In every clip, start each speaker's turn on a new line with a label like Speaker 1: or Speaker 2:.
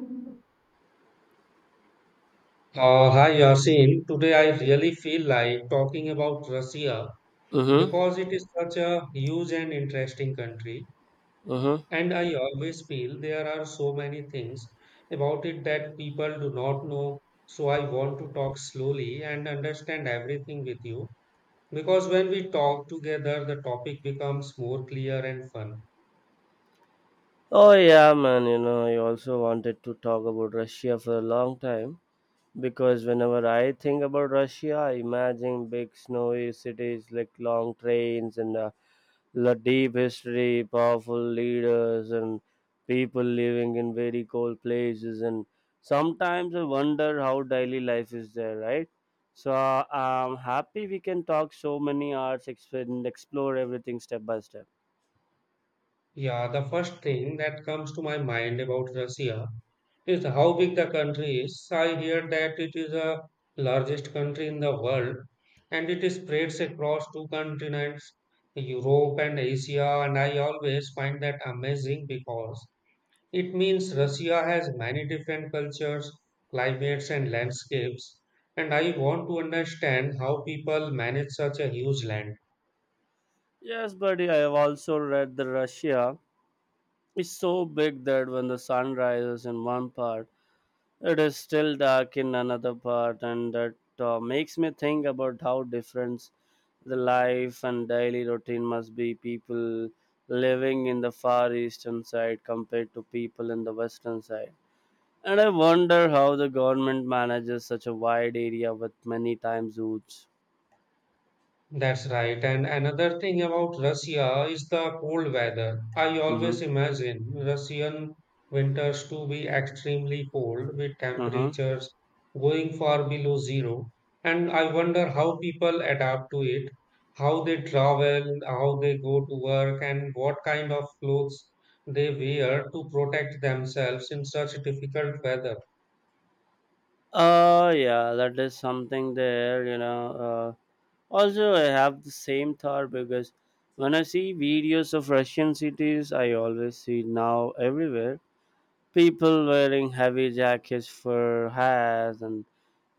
Speaker 1: Uh, hi Yasin, today I really feel like talking about Russia
Speaker 2: Mm-hmm.
Speaker 1: because it is such a huge and interesting country,
Speaker 2: Mm-hmm.
Speaker 1: and I always feel there are so many things about it that people do not know. So I want to talk slowly and understand everything with you because when we talk together, the topic becomes more clear and fun.
Speaker 2: Oh yeah, man. You know, I also wanted to talk about Russia for a long time because whenever I think about Russia, I imagine big snowy cities like long trains and a deep history, powerful leaders, and people living in very cold places. And sometimes I wonder how daily life is there, right? So I'm happy we can talk so many hours and explore everything step by step.
Speaker 1: Yeah, the first thing that comes to my mind about Russia is how big the country is. I hear that it is the largest country in the world and it spreads across two continents, Europe and Asia. And I always find that amazing because it means Russia has many different cultures, climates, and landscapes. And I want to understand how people manage such a huge land.
Speaker 2: Yes, buddy, I have also read that Russia is so big that when the sun rises in one part, it is still dark in another part, and that makes me think about how different the life and daily routine must be. People living in the far eastern side compared to people in the western side. And I wonder how the government manages such a wide area with many time zones.
Speaker 1: That's right. And another thing about Russia is the cold weather. I always
Speaker 2: Mm-hmm.
Speaker 1: imagine Russian winters to be extremely cold with
Speaker 2: Mm-hmm.
Speaker 1: temperatures going far below zero. And I wonder how people adapt to it, how they travel, how they go to work, and what kind of clothes they wear to protect themselves in such difficult weather.
Speaker 2: Yeah, that is something there, you know. Also, I have the same thought because when I see videos of Russian cities, I always see now everywhere people wearing heavy jackets, fur hats, and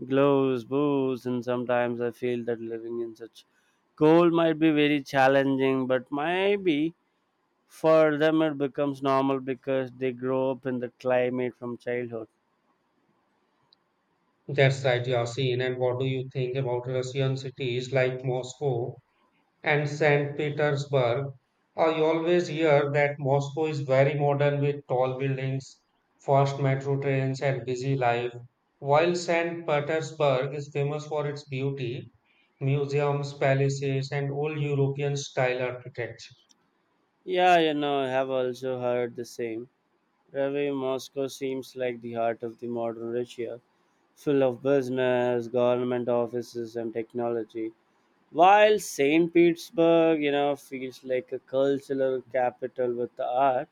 Speaker 2: gloves, boots, and sometimes I feel that living in such cold might be very challenging, but maybe for them it becomes normal because they grow up in the climate from childhood.
Speaker 1: That's right, Yasin. And what do you think about Russian cities like Moscow and St. Petersburg? I always hear that Moscow is very modern with tall buildings, fast metro trains, and busy life, while St. Petersburg is famous for its beauty, museums, palaces, and old European style architecture.
Speaker 2: Yeah, you know, I have also heard the same. Ravi, Moscow seems like the heart of the modern Russia, full of business, government offices, and technology. While St. Petersburg, you know, feels like a cultural capital with art,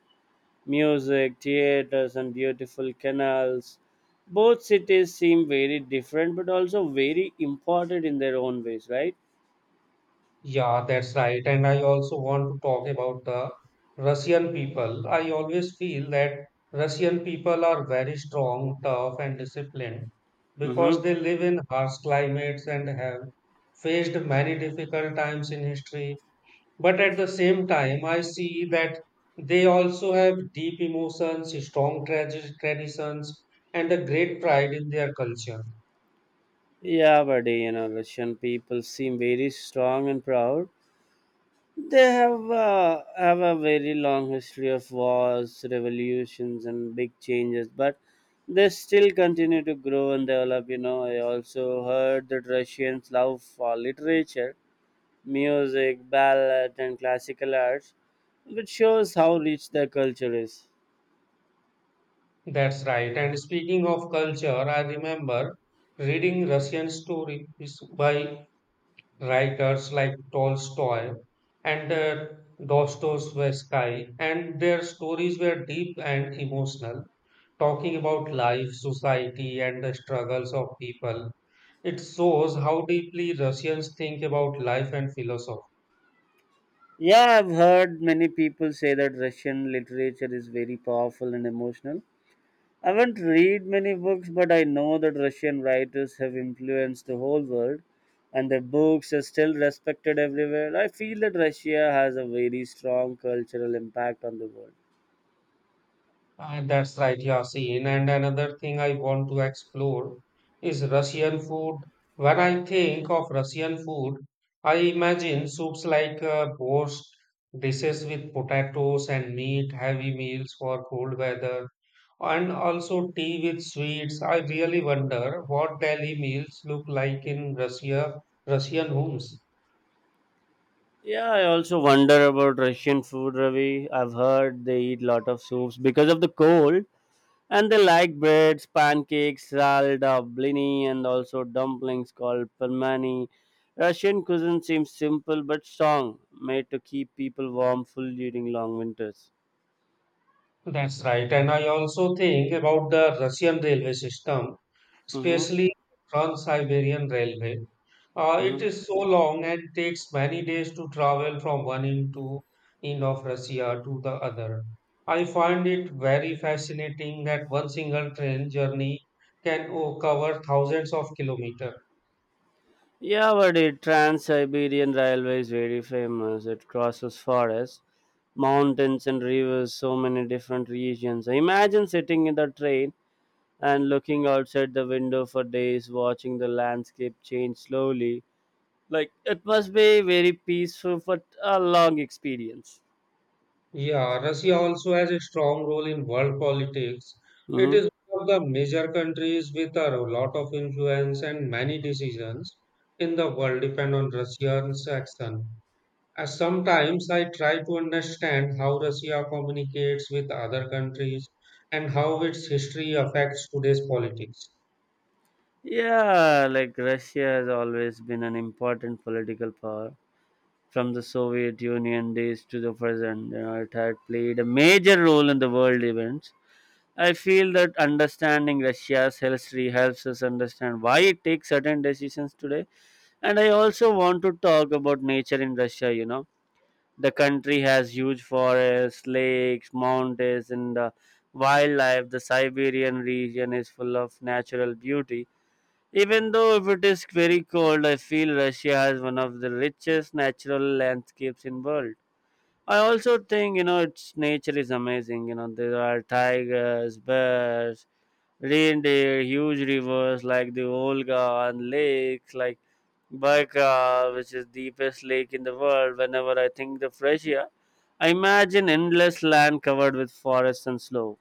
Speaker 2: music, theaters, and beautiful canals. Both cities seem very different, but also very important in their own ways, right?
Speaker 1: Yeah, that's right. And I also want to talk about the Russian people. I always feel that Russian people are very strong, tough, and disciplined because
Speaker 2: Mm-hmm.
Speaker 1: they live in harsh climates and have faced many difficult times in history. But at the same time, I see that they also have deep emotions, strong traditions, and a great pride in their culture.
Speaker 2: Yeah, buddy, you know, Russian people seem very strong and proud. They have a very long history of wars, revolutions, and big changes, but they still continue to grow and develop. You know, I also heard that Russians love for literature, music, ballet, and classical arts, which shows how rich their culture is.
Speaker 1: That's right. And speaking of culture, I remember reading Russian stories by writers like Tolstoy and Dostoevsky, and their stories were deep and emotional, talking about life, society, and the struggles of people. It shows how deeply Russians think about life and philosophy.
Speaker 2: Yeah, I've heard many people say that Russian literature is very powerful and emotional. I haven't read many books, but I know that Russian writers have influenced the whole world, and their books are still respected everywhere. I feel that Russia has a very strong cultural impact on the world.
Speaker 1: That's right, Yasin. And another thing I want to explore is Russian food. When I think of Russian food, I imagine soups like borscht, dishes with potatoes and meat, heavy meals for cold weather, and also tea with sweets. I really wonder what daily meals look like in Russia, Russian homes.
Speaker 2: Yeah, I also wonder about Russian food, Ravi. I've heard they eat lot of soups because of the cold. And they like breads, pancakes, salda, blini, and also dumplings called pelmeni. Russian cuisine seems simple but strong, made to keep people warm full during long winters.
Speaker 1: That's right. And I also think about the Russian railway system,
Speaker 2: Mm-hmm.
Speaker 1: especially Trans-Siberian Railway. It
Speaker 2: Mm-hmm.
Speaker 1: is so long and takes many days to travel from one end to end of Russia to the other. I find it very fascinating that one single train journey can cover thousands of kilometers.
Speaker 2: Yeah, but the Trans-Siberian Railway is very famous. It crosses forests, mountains, and rivers, so many different regions. Imagine sitting in the train and looking outside the window for days, watching the landscape change slowly. Like it must be very peaceful but a long experience.
Speaker 1: Yeah, Russia also has a strong role in world politics. It
Speaker 2: Mm-hmm.
Speaker 1: is one of the major countries with a lot of influence and many decisions in the world depend on Russia's action. As sometimes I try to understand how Russia communicates with other countries and how its history affects today's politics.
Speaker 2: Yeah, like Russia has always been an important political power from the Soviet Union days to the present. You know, it had played a major role in the world events. I feel that understanding Russia's history helps us understand why it takes certain decisions today. And I also want to talk about nature in Russia, you know. The country has huge forests, lakes, mountains, and wildlife. The Siberian region is full of natural beauty. Even though if it is very cold, I feel Russia has one of the richest natural landscapes in world. I also think, you know, its nature is amazing. You know there are tigers, bears, reindeer, huge rivers like the Volga and lakes like Baikal, which is deepest lake in the world. Whenever I think of Russia, I imagine endless land covered with forests and snow.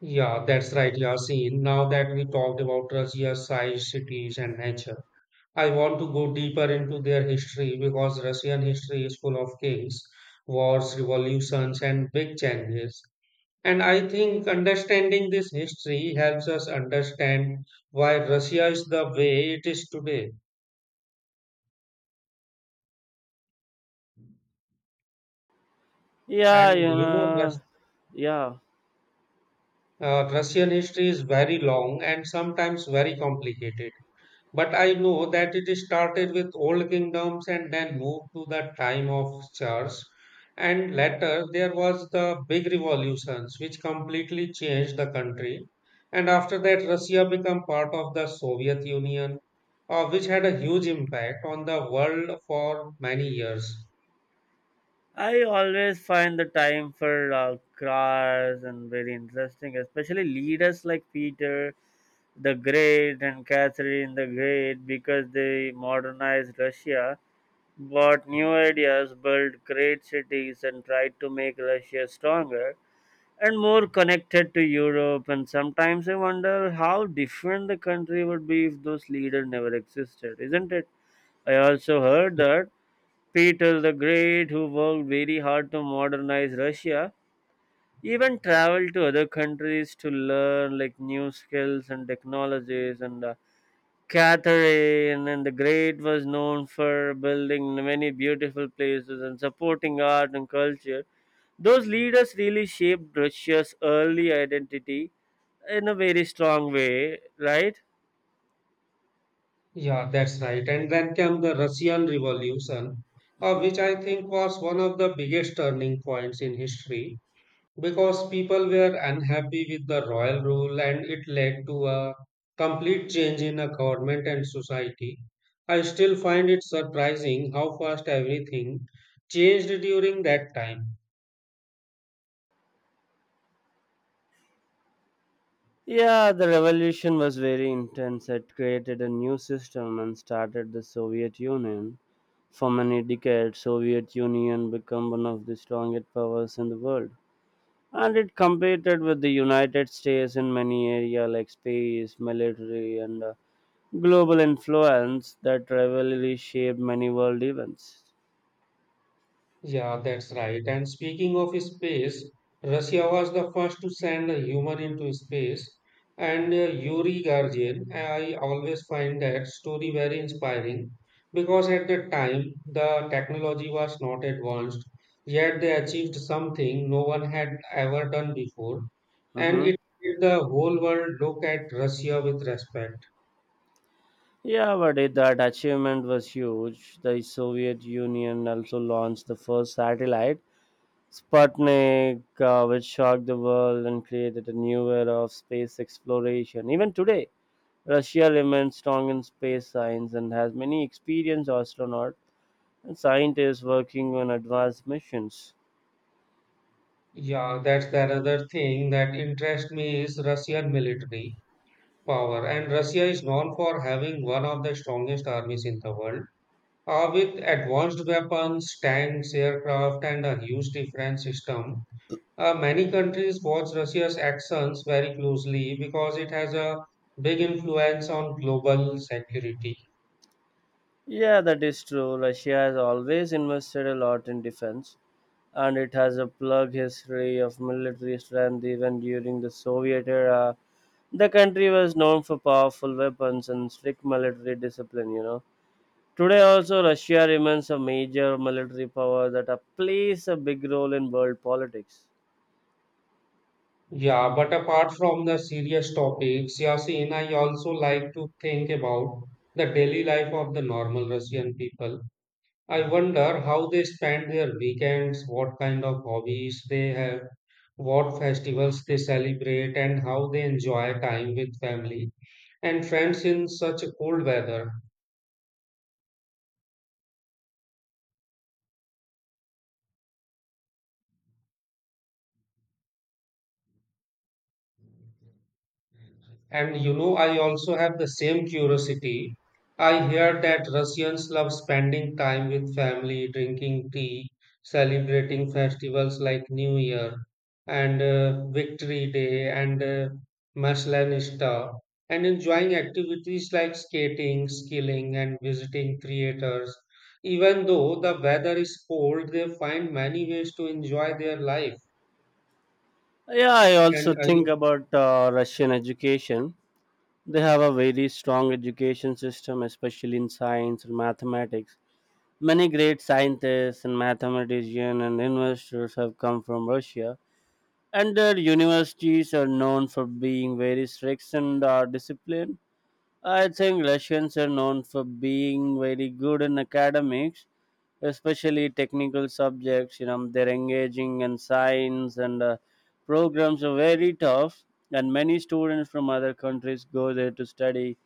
Speaker 1: Yeah, that's right, Yasin. Now that we talked about Russia's size, cities, and nature, I want to go deeper into their history because Russian history is full of kings, wars, revolutions, and big changes. And I think understanding this history helps us understand why Russia is the way it is today.
Speaker 2: Yeah,
Speaker 1: And
Speaker 2: you
Speaker 1: you know,
Speaker 2: know, yeah.
Speaker 1: Russian history is very long and sometimes very complicated. But I know that it started with old kingdoms and then moved to the time of Charles. And later there was the big revolutions which completely changed the country. And after that, Russia became part of the Soviet Union, which had a huge impact on the world for many years.
Speaker 2: I always find the time for crafts and very interesting, especially leaders like Peter the Great and Catherine the Great, because they modernized Russia, brought new ideas, built great cities, and tried to make Russia stronger and more connected to Europe. And sometimes I wonder how different the country would be if those leaders never existed, isn't it? I also heard that Peter the Great, who worked very hard to modernize Russia, even traveled to other countries to learn like new skills and technologies. And Catherine and the Great was known for building many beautiful places and supporting art and culture. Those leaders really shaped Russia's early identity in a very strong way, right?
Speaker 1: Yeah, that's right. And then came the Russian Revolution, which I think was one of the biggest turning points in history because people were unhappy with the royal rule and it led to a complete change in a government and society. I still find it surprising how fast everything changed during that time.
Speaker 2: Yeah, the revolution was very intense. It created a new system and started the Soviet Union. For many decades, Soviet Union became one of the strongest powers in the world. And it competed with the United States in many areas like space, military, and global influence. That rivalry shaped many world events.
Speaker 1: Yeah, that's right. And speaking of space, Russia was the first to send a human into space. And Yuri Gagarin, I always find that story very inspiring because at that time the technology was not advanced, yet they achieved something no one had ever done before. And
Speaker 2: Hmm.
Speaker 1: it made the whole world look at Russia with respect.
Speaker 2: Yeah, but it, that achievement was huge. The Soviet Union also launched the first satellite Sputnik, which shocked the world and created a new era of space exploration. Even today, Russia remains strong in space science and has many experienced astronauts and scientists working on advanced missions.
Speaker 1: Yeah, that's the another thing that interests me is Russian military power, and Russia is known for having one of the strongest armies in the world, with advanced weapons, tanks, aircraft, and a huge defense system. Many countries watch Russia's actions very closely because it has a big influence on global security.
Speaker 2: Yeah, that is true. Russia has always invested a lot in defense, and it has a plug history of military strength even during the Soviet era. The country was known for powerful weapons and strict military discipline, you know. Today also Russia remains a major military power that plays a big role in world politics.
Speaker 1: Yeah, but apart from the serious topics, Yasin, I also like to think about the daily life of the normal Russian people. I wonder how they spend their weekends, what kind of hobbies they have, what festivals they celebrate, and how they enjoy time with family and friends in such a cold weather. And you know, I also have the same curiosity. I hear that Russians love spending time with family, drinking tea, celebrating festivals like New Year and Victory Day and Maslenista, and enjoying activities like skating, skiing, and visiting theaters. Even though the weather is cold, they find many ways to enjoy their life.
Speaker 2: Yeah, I also
Speaker 1: And I
Speaker 2: think about Russian education. They have a very strong education system, especially in science and mathematics. Many great scientists and mathematicians and investors have come from Russia, and their universities are known for being very strict and disciplined. I think Russians are known for being very good in academics, especially technical subjects. You know, they're engaging in science and programs are very tough, and many students from other countries go there to study.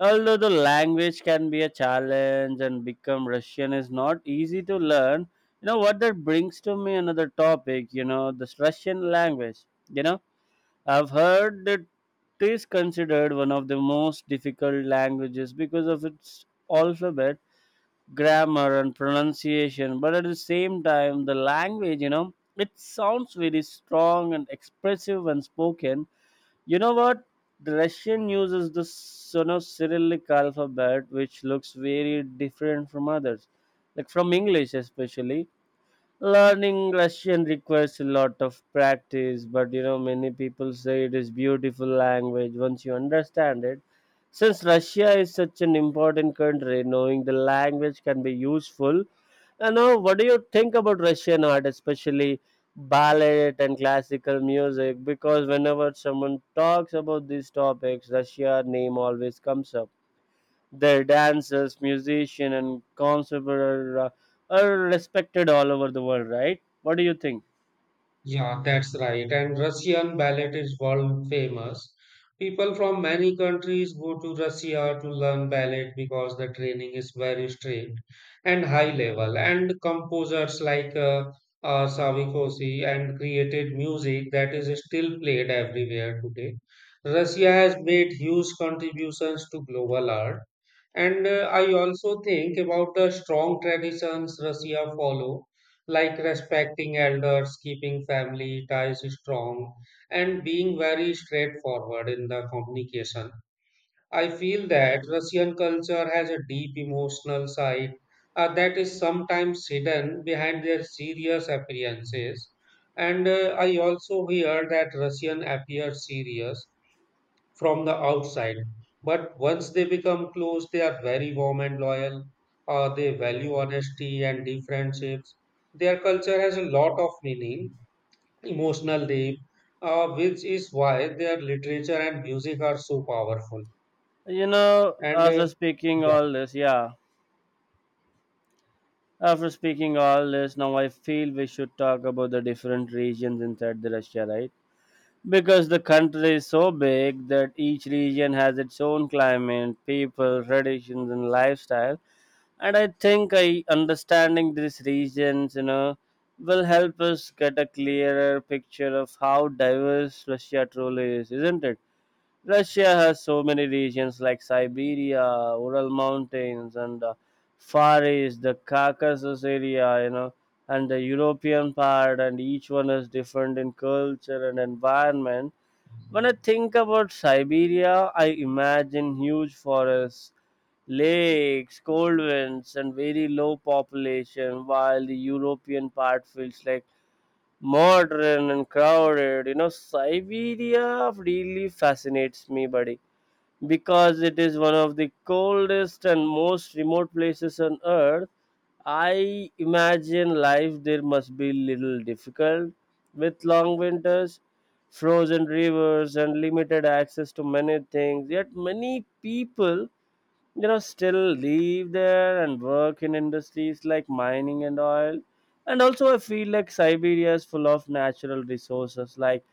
Speaker 2: Although the language can be a challenge and become Russian is not easy to learn, you know what that brings to me another topic. You know, this Russian language. You know, I've heard that it is considered one of the most difficult languages because of its alphabet, grammar, and pronunciation. But at the same time, the language, you know, it sounds very strong and expressive when spoken. You know what? The Russian uses the sono Cyrillic alphabet, which looks very different from others, like from English. Especially learning russian requires a lot of practice, but you know many people say it is beautiful language once you understand it. Since russia is such an important country, knowing the language can be useful. You know, what do you think about russian art, especially ballet and classical music, because whenever someone talks about these topics russia name always comes up? Their dancers, musicians, and concerts are respected all over the world, right? What do you think?
Speaker 1: Yeah, that's right. And Russian ballet is world famous. People from many countries go to Russia to learn ballet because the training is very strict and high level. And composers like Sawikosi and created music that is still played everywhere today. Russia has made huge contributions to global art. And I also think about the strong traditions Russia follow like respecting elders, keeping family ties strong, and being very straightforward in the communication. I feel that Russian culture has a deep emotional side that is sometimes hidden behind their serious appearances. And I also hear that Russian appear serious from the outside. But once they become close, they are very warm and loyal. They value honesty and deep friendships. Their culture has a lot of meaning, emotional depth, which is why their literature and music are so powerful.
Speaker 2: You know,
Speaker 1: And
Speaker 2: after speaking
Speaker 1: yeah.
Speaker 2: all this, yeah, after speaking all this, now I feel we should talk about the different regions inside the Russia, right? Because the country is so big that each region has its own climate, people, traditions, and lifestyle. And I think I understanding these regions, you know, will help us get a clearer picture of how diverse russia truly is, isn't it? Russia has so many regions like siberia, ural mountains, and far east, the caucasus area, you know, and the european part, and each one is different in culture and environment. When I think about Siberia, I imagine huge forests, lakes, cold winds, and very low population, while the European part feels like modern and crowded. You know, Siberia really fascinates me, buddy. Because it is one of the coldest and most remote places on earth, I imagine life there must be little difficult with long winters, frozen rivers, and limited access to many things. Yet many people, you know, still live there and work in industries like mining and oil. And also I feel like siberia is full of natural resources like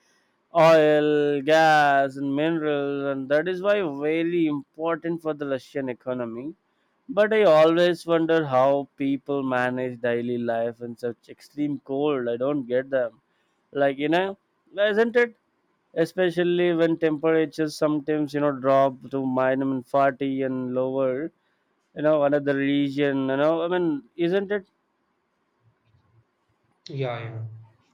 Speaker 2: oil, gas, and minerals, and that is why very important for the russian economy. But I always wonder how people manage daily life in such extreme cold. I don't get them, like you know, isn't it, especially when temperatures sometimes you know drop to minus 40 and lower. You know, another region, you know, I mean, isn't it?
Speaker 1: Yeah, yeah.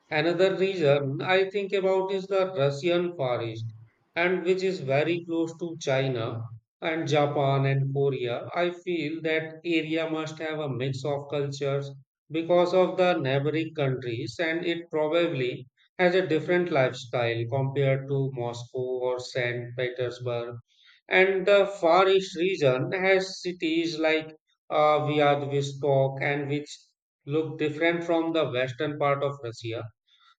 Speaker 1: Another reason I think about is the Russian Far East, and which is very close to China and Japan and Korea. I feel that area must have a mix of cultures because of the neighboring countries, and it probably has a different lifestyle compared to Moscow or St. Petersburg. And the Far East region has cities like Vladivostok and which look different from the western part of Russia.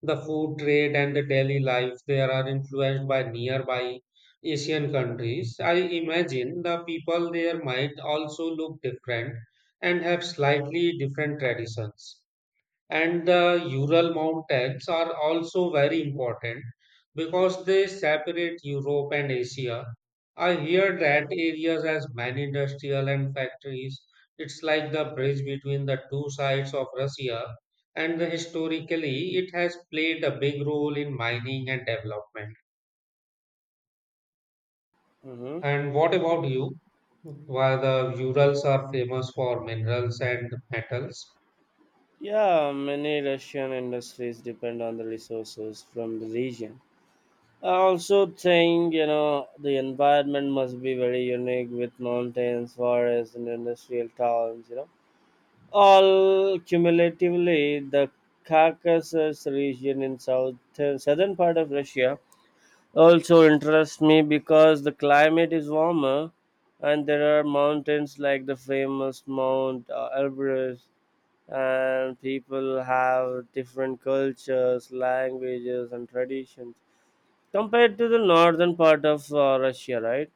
Speaker 1: The food trade and the daily life there are influenced by nearby Asian countries. I imagine the people there might also look different and have slightly different traditions. And the Ural Mountains are also very important because they separate Europe and Asia. I hear that areas has many industrial and factories. It's like the bridge between the two sides of Russia, and historically it has played a big role in mining and development.
Speaker 2: Hmm.
Speaker 1: And what about you? Why the Urals are famous for minerals and metals?
Speaker 2: Yeah, many Russian industries depend on the resources from the region. I also think, you know, the environment must be very unique with mountains, forests, and industrial towns, you know. All cumulatively, the Caucasus region in south, southern part of Russia also interests me because the climate is warmer and there are mountains like the famous Mount Everest, and people have different cultures, languages and traditions compared to the northern part of Russia, right?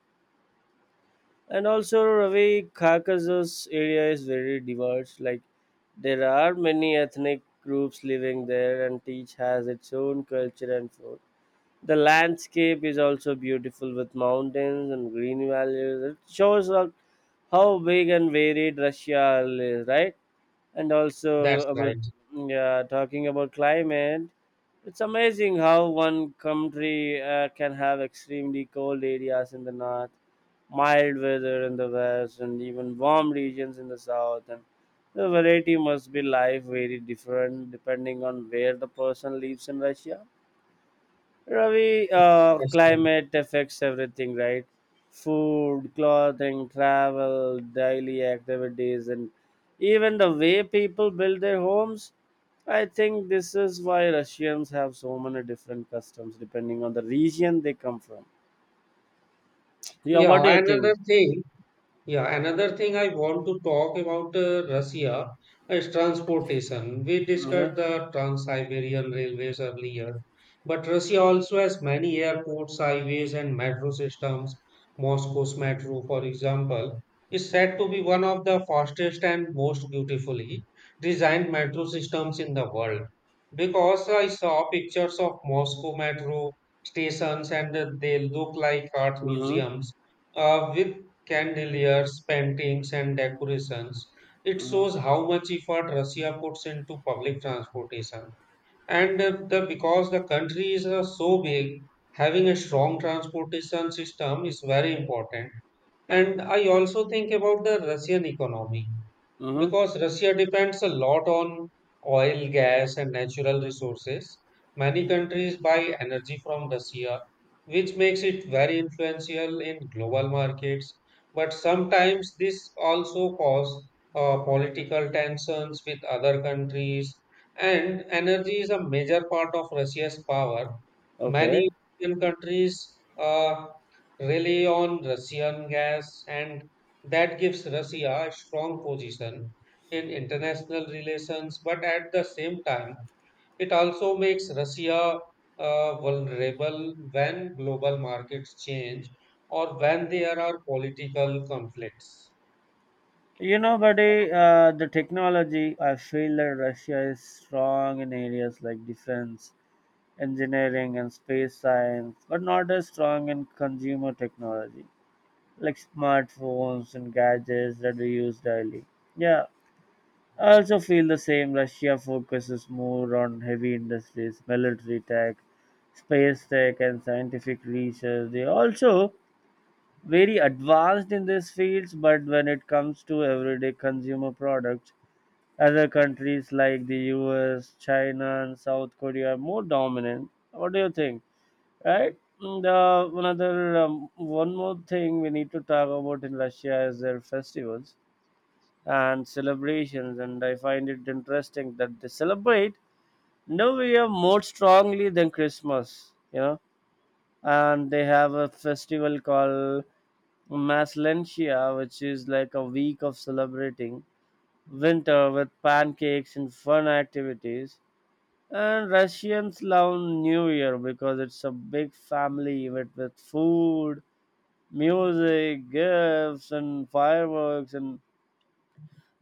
Speaker 2: And also Ravi, Caucasus area is very diverse. Like there are many ethnic groups living there and each has its own culture and food. The landscape is also beautiful with mountains and green valleys. It shows up how big and varied Russia is, right? And also
Speaker 1: That's
Speaker 2: about
Speaker 1: right.
Speaker 2: yeah, talking about climate, it's amazing how one country can have extremely cold areas in the north, mild weather in the west, and even warm regions in the south. And the variety must be life very different depending on where the person lives in Russia. Ravi,
Speaker 1: That's right.
Speaker 2: climate affects everything, right? Food, clothing, travel, daily activities, and even the way people build their homes. I think this is why Russians have so many different customs depending on the region they come from. Yeah, what
Speaker 1: Yeah,
Speaker 2: do you
Speaker 1: another
Speaker 2: think?
Speaker 1: thing. Yeah, another thing I want to talk about Russia is transportation. We
Speaker 2: Uh-huh.
Speaker 1: discussed the Trans-Siberian railways earlier, but Russia also has many airports, highways, and metro systems. Moscow's metro, for example, is said to be one of the fastest and most beautifully designed metro systems in the world. Because I saw pictures of Moscow metro stations and they look like art
Speaker 2: Uh-huh.
Speaker 1: museums with candeliers, paintings, and decorations. It
Speaker 2: Uh-huh.
Speaker 1: shows how much effort Russia puts into public transportation, and the because the country is so big, having a strong transportation system is very important. And I also think about the Russian economy
Speaker 2: Uh-huh.
Speaker 1: because Russia depends a lot on oil, gas, and natural resources. Many countries buy energy from Russia, which makes it very influential in global markets, but sometimes this also causes political tensions with other countries, and energy is a major part of Russia's power. Many
Speaker 2: Okay.
Speaker 1: European countries rely on Russian gas, and that gives Russia a strong position in international relations. But at the same time, it also makes Russia vulnerable when global markets change or when there are political conflicts.
Speaker 2: Buddy, the technology, I feel that Russia is strong in areas like defense engineering and space science, but not as strong in consumer technology like smartphones and gadgets that we use daily. Yeah, I also feel the same. Russia focuses more on heavy industries, military tech, space tech, and scientific research. They are also very advanced in these fields, but when it comes to everyday consumer products, other countries like the US, China, and South Korea are more dominant. What do you think? Right? And, another One more thing we need to talk about in Russia is their festivals and celebrations. And I find it interesting that they celebrate New Year more strongly than Christmas. And they have a festival called Maslentia, which is like a week of celebrating winter with pancakes and fun activities. And Russians love New Year because it's a big family event with food, music, gifts, and fireworks. And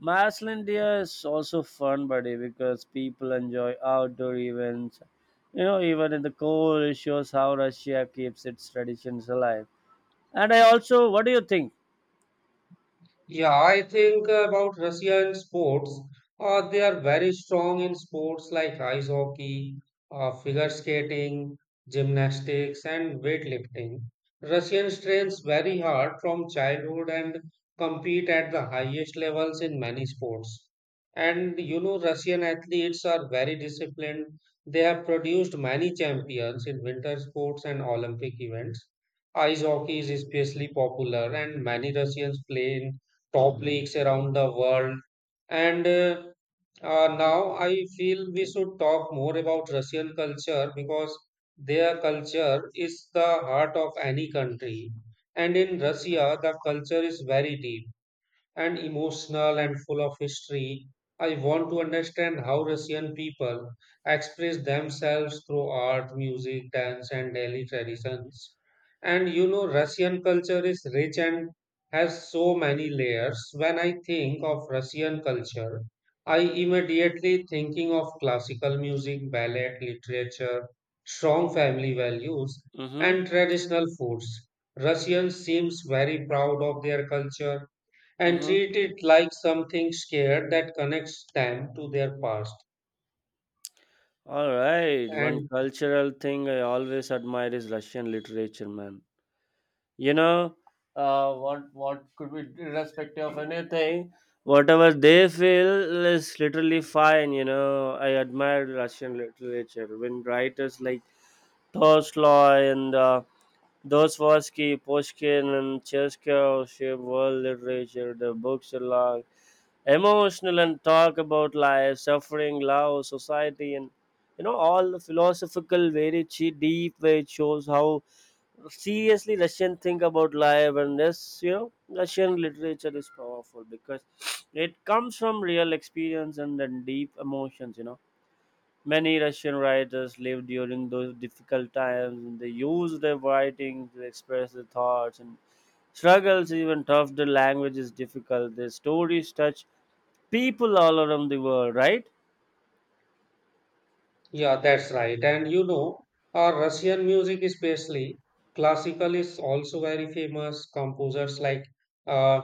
Speaker 2: Macedonia is also fun, buddy, because people enjoy outdoor events. You know, even in the cold, it shows how Russia keeps its traditions alive. And I also, what do you think?
Speaker 1: Yeah, I think about Russia in sports. They are very strong in sports like ice hockey, figure skating, gymnastics, and weightlifting. Russians trains very hard from childhood and compete at the highest levels in many sports. And you know, Russian athletes are very disciplined. They have produced many champions in winter sports and Olympic events. Ice hockey is especially popular, and many Russians play in topics around the world. And Now I feel we should talk more about Russian culture because their culture is the heart of any country. And in Russia, the culture is very deep and emotional and full of history. I want to understand how Russian people express themselves through art, music, dance, and daily traditions. And you know, Russian culture is rich and has so many layers. When I think of Russian culture, I immediately thinking of classical music, ballet, literature, strong family values, and
Speaker 2: Mm-hmm.
Speaker 1: traditional foods. Russians seems very proud of their culture and
Speaker 2: Mm-hmm.
Speaker 1: treat it like something scared that connects them to their past.
Speaker 2: All right. One
Speaker 1: And
Speaker 2: cultural thing I always admire is Russian literature, man. you know what could be irrespective of anything whatever they feel is literally fine. I admire Russian literature when writers like Tolstoy and Dostoevsky, Pushkin, and Cheskov shape world literature. Their books are long, emotional, and talk about life, suffering, love, society, and all the philosophical, deep way. It shows how seriously Russian think about life. And this, Russian literature is powerful because it comes from real experience and then deep emotions. Many Russian writers lived during those difficult times and they used their writing to express their thoughts and struggles. Even tough the language is difficult, their stories touch people all around the world, right?
Speaker 1: yeah, that's right. And you know, our Russian music, especially classical, is also very famous. Composers like uh,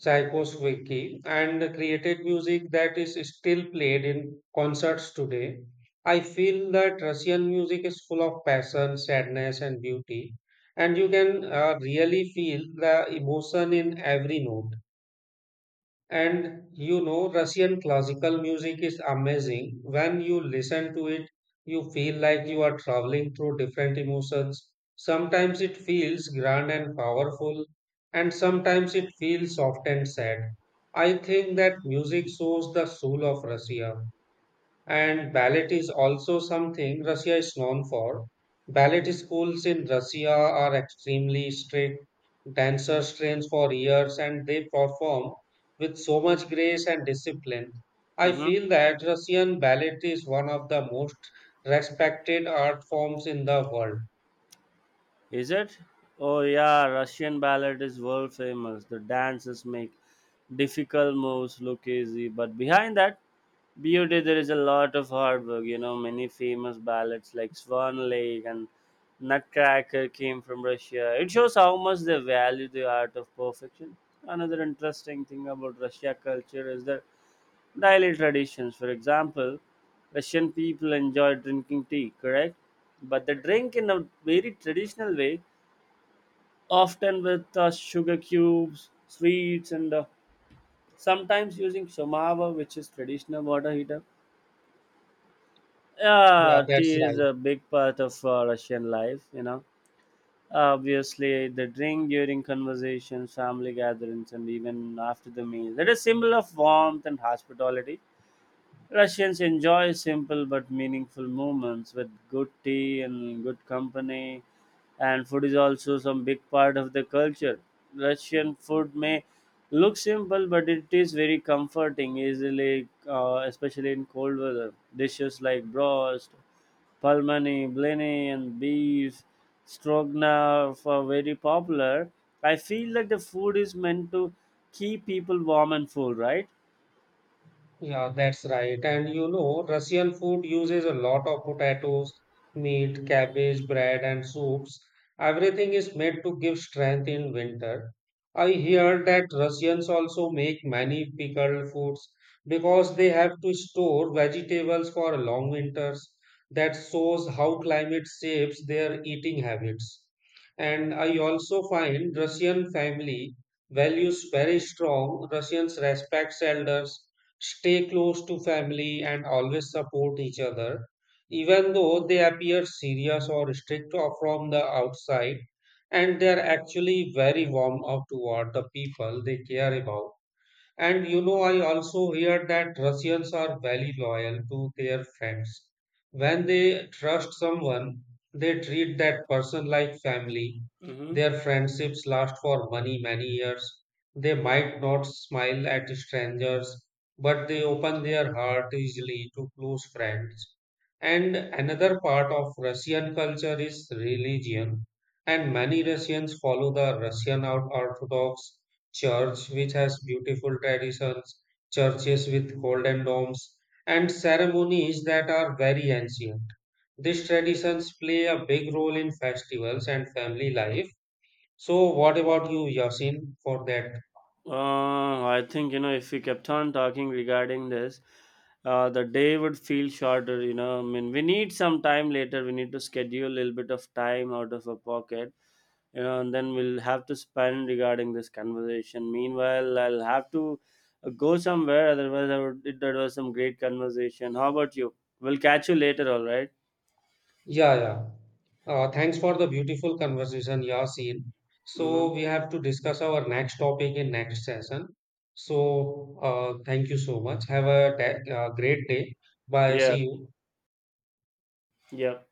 Speaker 1: Tchaikovsky and created music that is still played in concerts today. I feel that Russian music is full of passion, sadness, and beauty, and you can really feel the emotion in every note. And you know, Russian classical music is amazing. When you listen to it, you feel like you are traveling through different emotions. Sometimes it feels grand and powerful, and sometimes it feels soft and sad. I think that music shows the soul of Russia. And ballet is also something Russia is known for. Ballet schools in Russia are extremely strict. Dancers train for years and they perform with so much grace and discipline. I
Speaker 2: Mhm.
Speaker 1: feel that Russian ballet is one of the most respected art forms in the world.
Speaker 2: Is it? Oh yeah, Russian ballet is world famous. The dancers make difficult moves look easy, but behind that beauty there is a lot of hard work. You know, many famous ballets like Swan Lake and Nutcracker came from Russia. It shows how much they value the art of perfection. Another interesting thing about Russia culture is their daily traditions. For example, Russian people enjoy drinking tea, correct? But they drink in a very traditional way, often with sugar cubes, sweets, and sometimes using somava, which is traditional water heater.
Speaker 1: Yeah,
Speaker 2: Yeah, tea
Speaker 1: that's
Speaker 2: is
Speaker 1: right.
Speaker 2: a big part of Russian life, you know. Obviously, they drink during conversations, family gatherings, and even after the meals. It is symbol of warmth and hospitality. Russians enjoy simple but meaningful moments with good tea and good company, and food is also some big part of the culture. Russian food may look simple, but it is very comforting, easily, especially in cold weather. Dishes like broast, palmani, blini, and beef stroganoff are very popular. I feel like the food is meant to keep people warm and full, right?
Speaker 1: Yeah, that's right. And you know, Russian food uses a lot of potatoes, meat, cabbage, bread, and soups. Everything is made to give strength in winter. I hear that Russians also make many pickled foods because they have to store vegetables for long winters. That shows how climate shapes their eating habits. And I also find Russian family values very strong. Russians respect elders, stay close to family, and always support each other, even though they appear serious or strict or from the outside, and they are actually very warm up toward the people they care about. And you know, I also hear that Russians are very loyal to their friends. When they trust someone, they treat that person like family.
Speaker 2: Mm-hmm.
Speaker 1: Their friendships last for many, many years. They might not smile at strangers, but they open their heart easily to close friends. And another part of Russian culture is religion, and many Russians follow the Russian Orthodox church, which has beautiful traditions, churches with golden domes, and ceremonies that are very ancient. These traditions play a big role in festivals and family life. So, what about you, Yasin, for that?
Speaker 2: I think, you know, if we kept on talking regarding this, the day would feel shorter. You know, I mean, we need some time later. We need to schedule a little bit of time out of our pocket. You know, and then we'll have to spend regarding this conversation. Meanwhile, I'll have to go somewhere. Otherwise, I would. It, that was some great conversation. How about you? We'll catch you later. All right.
Speaker 1: Yeah, yeah. Thanks for the beautiful conversation, Yasin. So,
Speaker 2: Mm-hmm.
Speaker 1: we have to discuss our next topic in next session. So, thank you so much. Have a great day. Bye.
Speaker 2: Yeah.
Speaker 1: See you.
Speaker 2: Yeah.